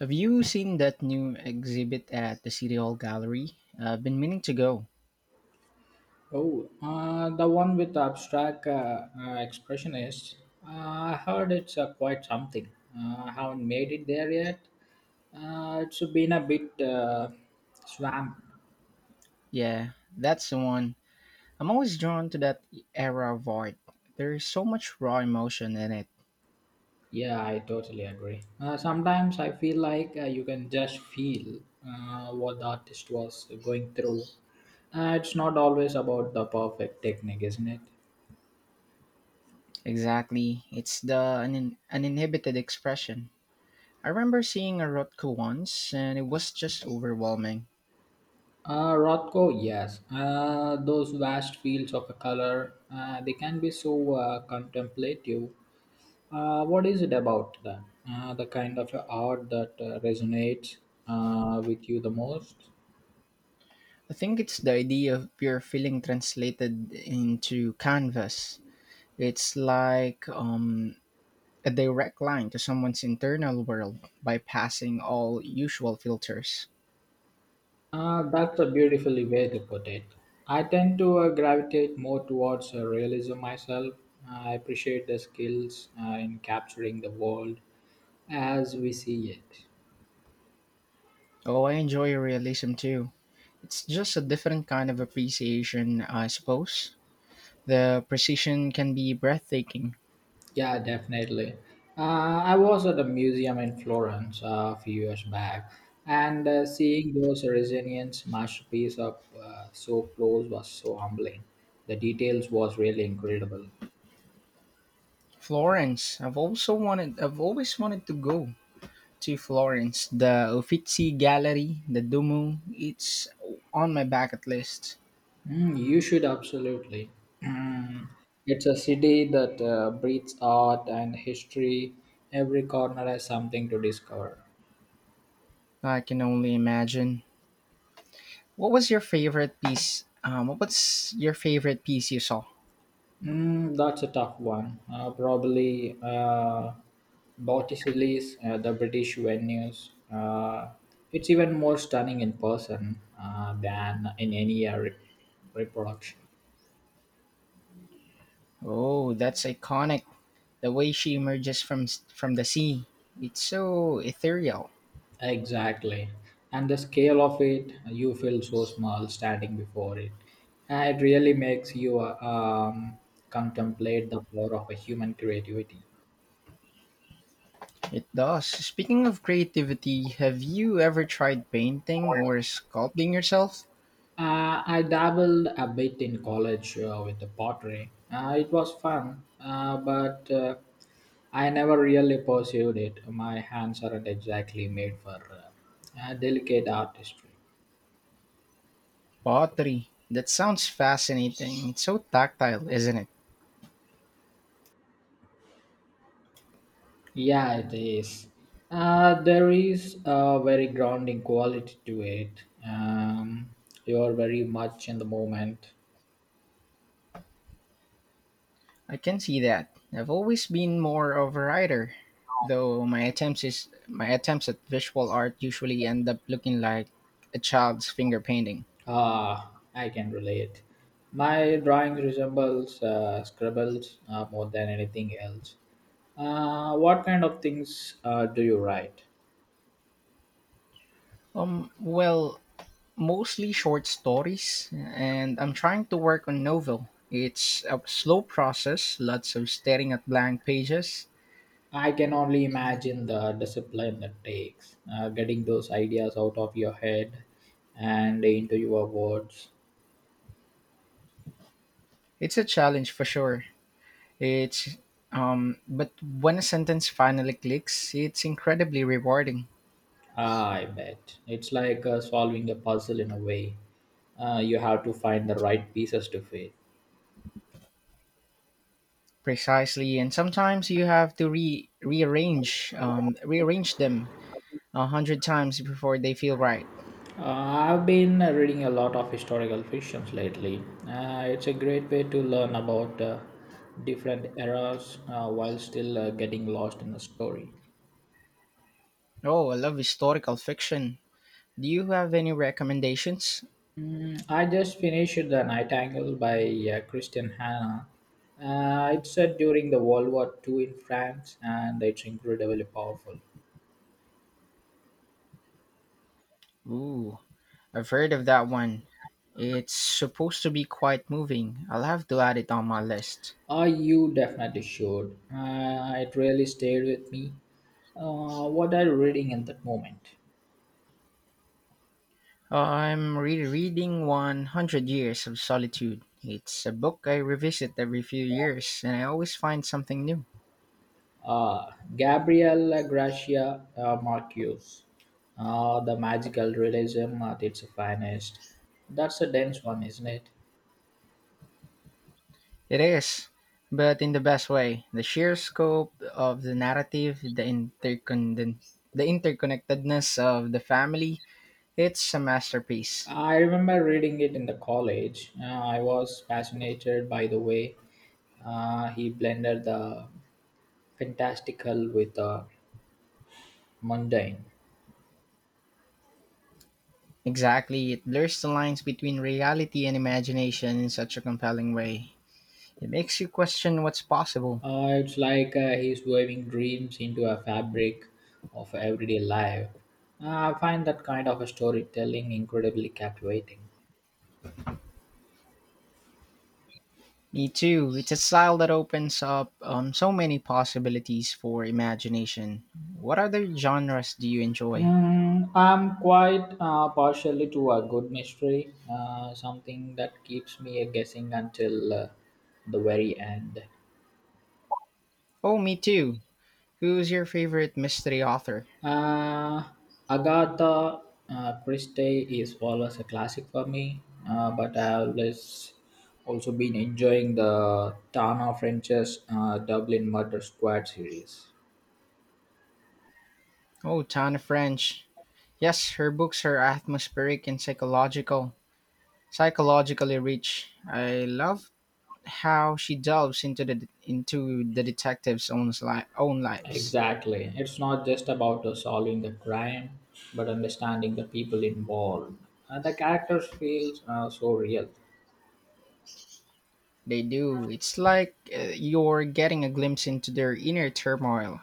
Have you seen that new exhibit at the City Hall Gallery? I've been meaning to go. Oh, the one with the abstract expressionists. Uh, I heard it's quite something. I haven't made it there yet. It's been a bit swamped. Yeah, that's the one. I'm always drawn to that era of art. There's so much raw emotion in it. Yeah, I totally agree. Sometimes I feel like you can just feel what the artist was going through. It's not always about the perfect technique, isn't it? Exactly. It's the uninhibited expression. I remember seeing a Rothko once, and it was just overwhelming. Rothko, yes. Those vast fields of color, they can be so contemplative. What is it about that? The kind of art that resonates with you the most? I think it's the idea of pure feeling translated into canvas. It's like a direct line to someone's internal world bypassing all usual filters. That's a beautiful way to put it. I tend to gravitate more towards realism myself. I appreciate the skills in capturing the world as we see it. Oh, I enjoy realism too. It's just a different kind of appreciation, I suppose. The precision can be breathtaking. Yeah, definitely. I was at a museum in Florence a few years back, and seeing those Resilience masterpiece up so close was so humbling. The details was really incredible. Florence, I've always wanted to go to Florence, the Uffizi Gallery, the Duomo. It's on my bucket list. Mm, you should absolutely. Mm, it's a city that breathes art and history. Every corner has something to discover. I can only imagine. What was your favorite piece you saw? Mm, that's a tough one. Probably Botticelli's, the British venues. It's even more stunning in person than in any reproduction. Oh, that's iconic. The way she emerges from the sea. It's so ethereal. Exactly. And the scale of it, you feel so small standing before it. It really makes you contemplate the power of a human creativity. It does. Speaking of creativity, have you ever tried painting or sculpting yourself? I dabbled a bit in college with the pottery. It was fun, but I never really pursued it. My hands aren't exactly made for delicate artistry. Pottery. That sounds fascinating. It's so tactile, isn't it? Yeah, it is. There is a very grounding quality to it. You are very much in the moment. I can see that. I've always been more of a writer, though my attempts at visual art usually end up looking like a child's finger painting. Ah, I can relate. My drawing resembles scribbles more than anything else. What kind of things do you write? Well, mostly short stories and I'm trying to work on novel. It's a slow process, lots of staring at blank pages. I can only imagine the discipline that takes getting those ideas out of your head and into your words. It's a challenge for sure. It's but when a sentence finally clicks, it's incredibly rewarding. Ah, I bet. It's like solving a puzzle in a way. You have to find the right pieces to fit. Precisely, and sometimes you have to rearrange them a hundred times before they feel right. Uh, I've been reading a lot of historical fictions lately. It's a great way to learn about different eras while still getting lost in the story. Oh, I love historical fiction. Do you have any recommendations? Mm, I just finished The Nightingale by Christian Hanna. It's set during the World War Two in France and it's incredibly powerful. Ooh. I've heard of that one. It's supposed to be quite moving. I'll have to add it on my list. Uh, you definitely should. It really stayed with me. What are you reading in that moment? I'm rereading 100 Years of Solitude. It's a book I revisit every few years, and I always find something new. Uh, Gabriela Gracia Marquez, The Magical Realism at its finest. That's a dense one, isn't it? It is, but in the best way. The sheer scope of the narrative, the interconnectedness of the family, it's a masterpiece. I remember reading it in the college. I was fascinated by the way he blended the fantastical with the mundane. Exactly, it blurs the lines between reality and imagination in such a compelling way. It makes you question what's possible. It's like he's weaving dreams into a fabric of everyday life. I find that kind of a storytelling incredibly captivating. Me too. It's a style that opens up so many possibilities for imagination. What other genres do you enjoy? Mm, I'm quite partially to a good mystery, something that keeps me guessing until the very end. Oh, me too. Who's your favorite mystery author? Uh, Agatha Christie is always a classic for me, but I always also been enjoying the Tana French's Dublin Murder Squad series. Oh, Tana French. Yes, her books are atmospheric and psychologically rich. I love how she delves into the own lives. Exactly, it's not just about solving the crime, but understanding the people involved. The characters feel so real. They do. It's like you're getting a glimpse into their inner turmoil.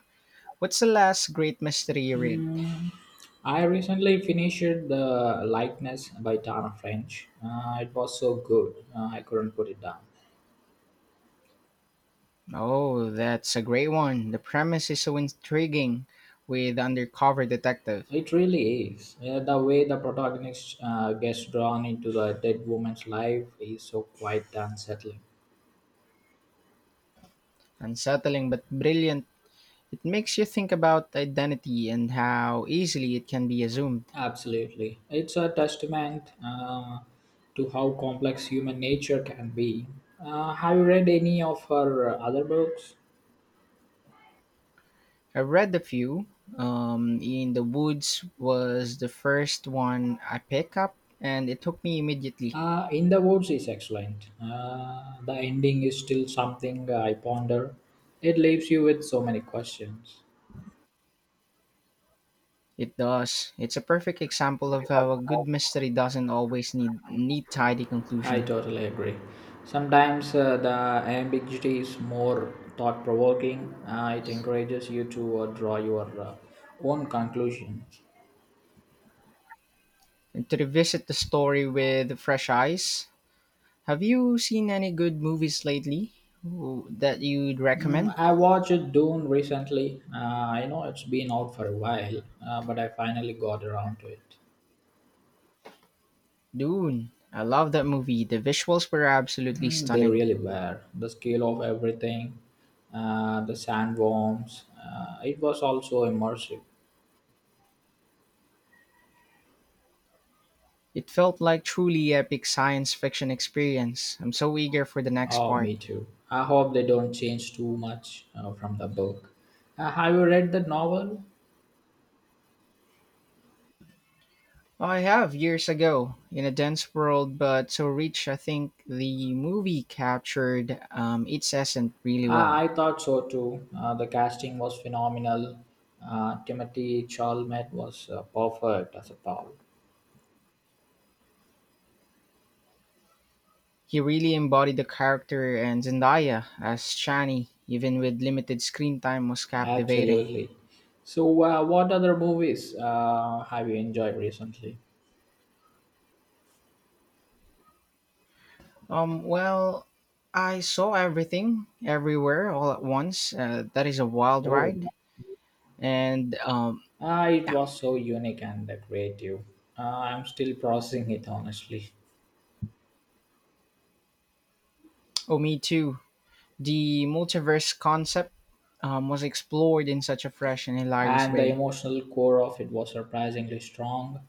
What's the last great mystery you read? Mm, I recently finished the likeness by Tana French. It was so good, I couldn't put it down. Oh, that's a great one. The premise is so intriguing with Undercover Detective. It really is. Yeah, the way the protagonist gets drawn into the dead woman's life is so quite unsettling. Unsettling but brilliant. It makes you think about identity and how easily it can be assumed. Absolutely. It's a testament to how complex human nature can be. Have you read any of her other books? I read a few. In the Woods was the first one I picked up, and it took me immediately. In the Woods is excellent. The ending is still something I ponder. It leaves you with so many questions. It does. It's a perfect example of how a good mystery doesn't always need neat, tidy I conclusion. totally agree. Sometimes the ambiguity is more thought provoking. It encourages you to draw your own conclusions. And to revisit the story with fresh eyes, have you seen any good movies lately that you'd Mm, recommend? I watched Dune recently. I know it's been out for a while, but I finally got around to it. Dune. I love that movie. The visuals were absolutely Mm, they stunning. really were. The scale of everything, the sandworms, it was also immersive. It felt like truly epic science fiction experience. I'm so eager for the next Oh, part. me too. I hope they don't change too much from the book. Have you read the novel? I have years ago in a dense world, but so rich. I think the movie captured its essence really I, well. I thought so too. The casting was phenomenal. Timothy Chalamet was perfect as a Paul. He really embodied the character, and Zendaya as Shani, even with limited screen time, was captivating. Absolutely. So, what other movies have you enjoyed recently? Well, I saw everything, everywhere, all at once. That is a wild Oh, ride, and it yeah, was so unique and creative. I'm still processing it honestly. oh me too. The multiverse concept was explored in such a fresh and hilarious And the way. emotional core of it was surprisingly strong.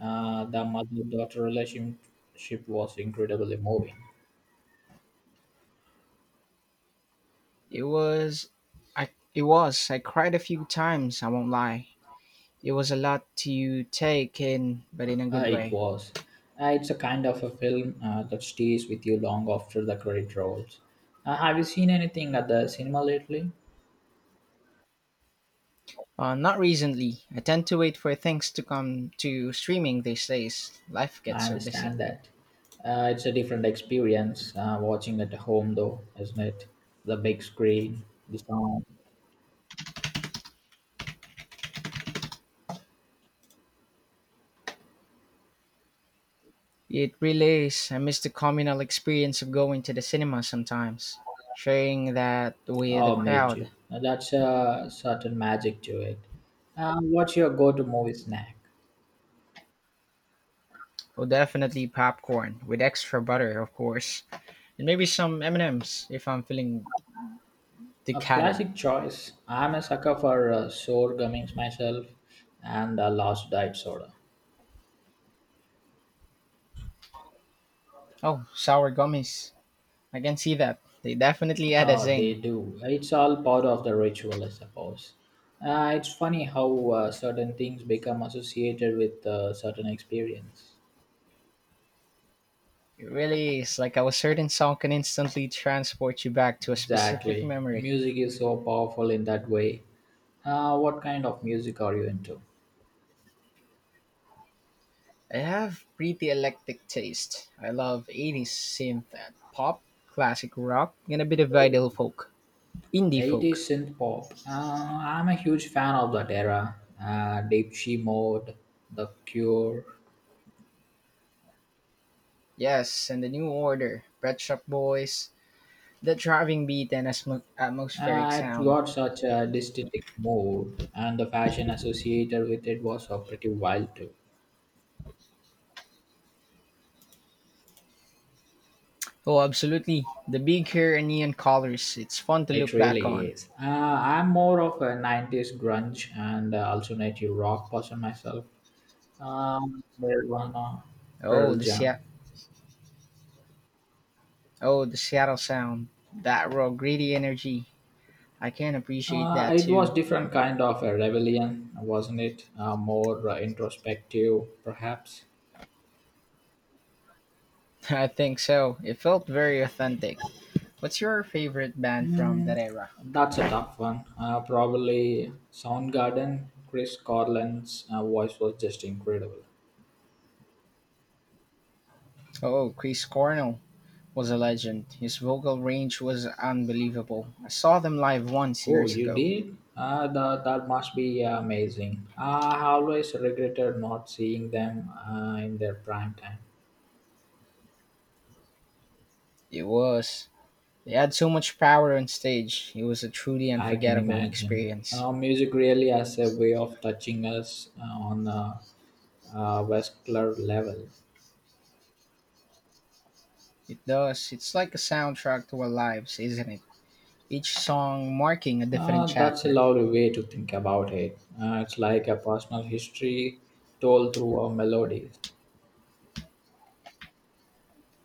The mother-daughter relationship was incredibly moving. It was it was. I cried a few times, I won't lie. It was a lot to take in, but in a good It way. was. It's a kind of a film that stays with you long after the credit rolls. Have you seen anything at the cinema lately? Not recently. I tend to wait for things to come to streaming these days. Life gets I so busy. understand that. It's a different experience watching at home, though, isn't it? The big screen, the sound. It really is. I miss the communal experience of going to the cinema sometimes. Sharing that with the Oh, me crowd. too. Now that's a certain magic to it. What's your go-to movie snack? Oh, definitely popcorn with extra butter, of course, and maybe some M&Ms if I'm feeling A decadent. classic choice. I'm a sucker for sour gummies myself, and Lost Diet soda. Oh, sour gummies. I can see that. They definitely add a Oh, they zing. do. It's all part of the ritual, I suppose. It's funny how certain things become associated with certain experience. It really is like how a certain song can instantly transport you back to a specific Exactly. memory. Music is so powerful in that way. What kind of music are you into? I have pretty eclectic taste. I love 80s synth and pop, classic rock, and a bit of idol folk. Indie 80s folk. synth pop. I'm a huge fan of that era. Deep She Mode, The Cure. Yes, and the new order. Pet Shop Boys. The driving beat and atmospheric It's sound. got such a distinctive mood, and the fashion associated with it was pretty wild too. Oh, absolutely. The big hair and neon colors. It's fun to look It back really on. is. I'm more of a 90s grunge and alternative rock person myself. Nirvana, Oh, Pearl the, Se- Jam. Oh, the Seattle Sound. That raw, gritty energy. I can appreciate that It was too. different kind of a rebellion, wasn't it? More introspective, perhaps. I think so. It felt very authentic. What's your favorite band from Hmm, that era? that's a tough one. Probably Soundgarden, Chris Cornell's voice was just incredible. Oh, Chris Cornell was a legend. His vocal range was unbelievable. I saw them live once Oh, years you ago. did? That must be amazing. I always regretted not seeing them in their prime time. It was. They had so much power on stage. It was a truly I can unforgettable imagine. experience. Music really has a way of touching us on a vascular level. It does. It's like a soundtrack to our lives, isn't it? Each song marking a different That's a chapter. lovely way to think about it. It's like a personal history told through a melody.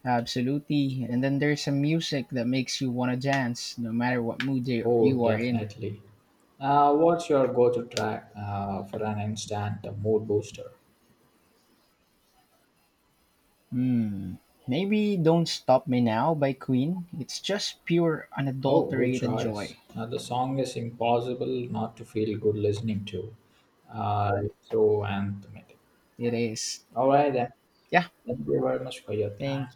Absolutely. And then there's some music that makes you want to dance no matter what mood you Oh, you are in. definitely. What's your go to track for an instant mood booster? Hmm. Maybe Don't Stop Me Now by Queen. It's just pure Oh, good unadulterated choice. joy. The song is impossible not to feel good listening to. It's so anthematic. It is. All right, then. Yeah. Thank you very much for your time. Thank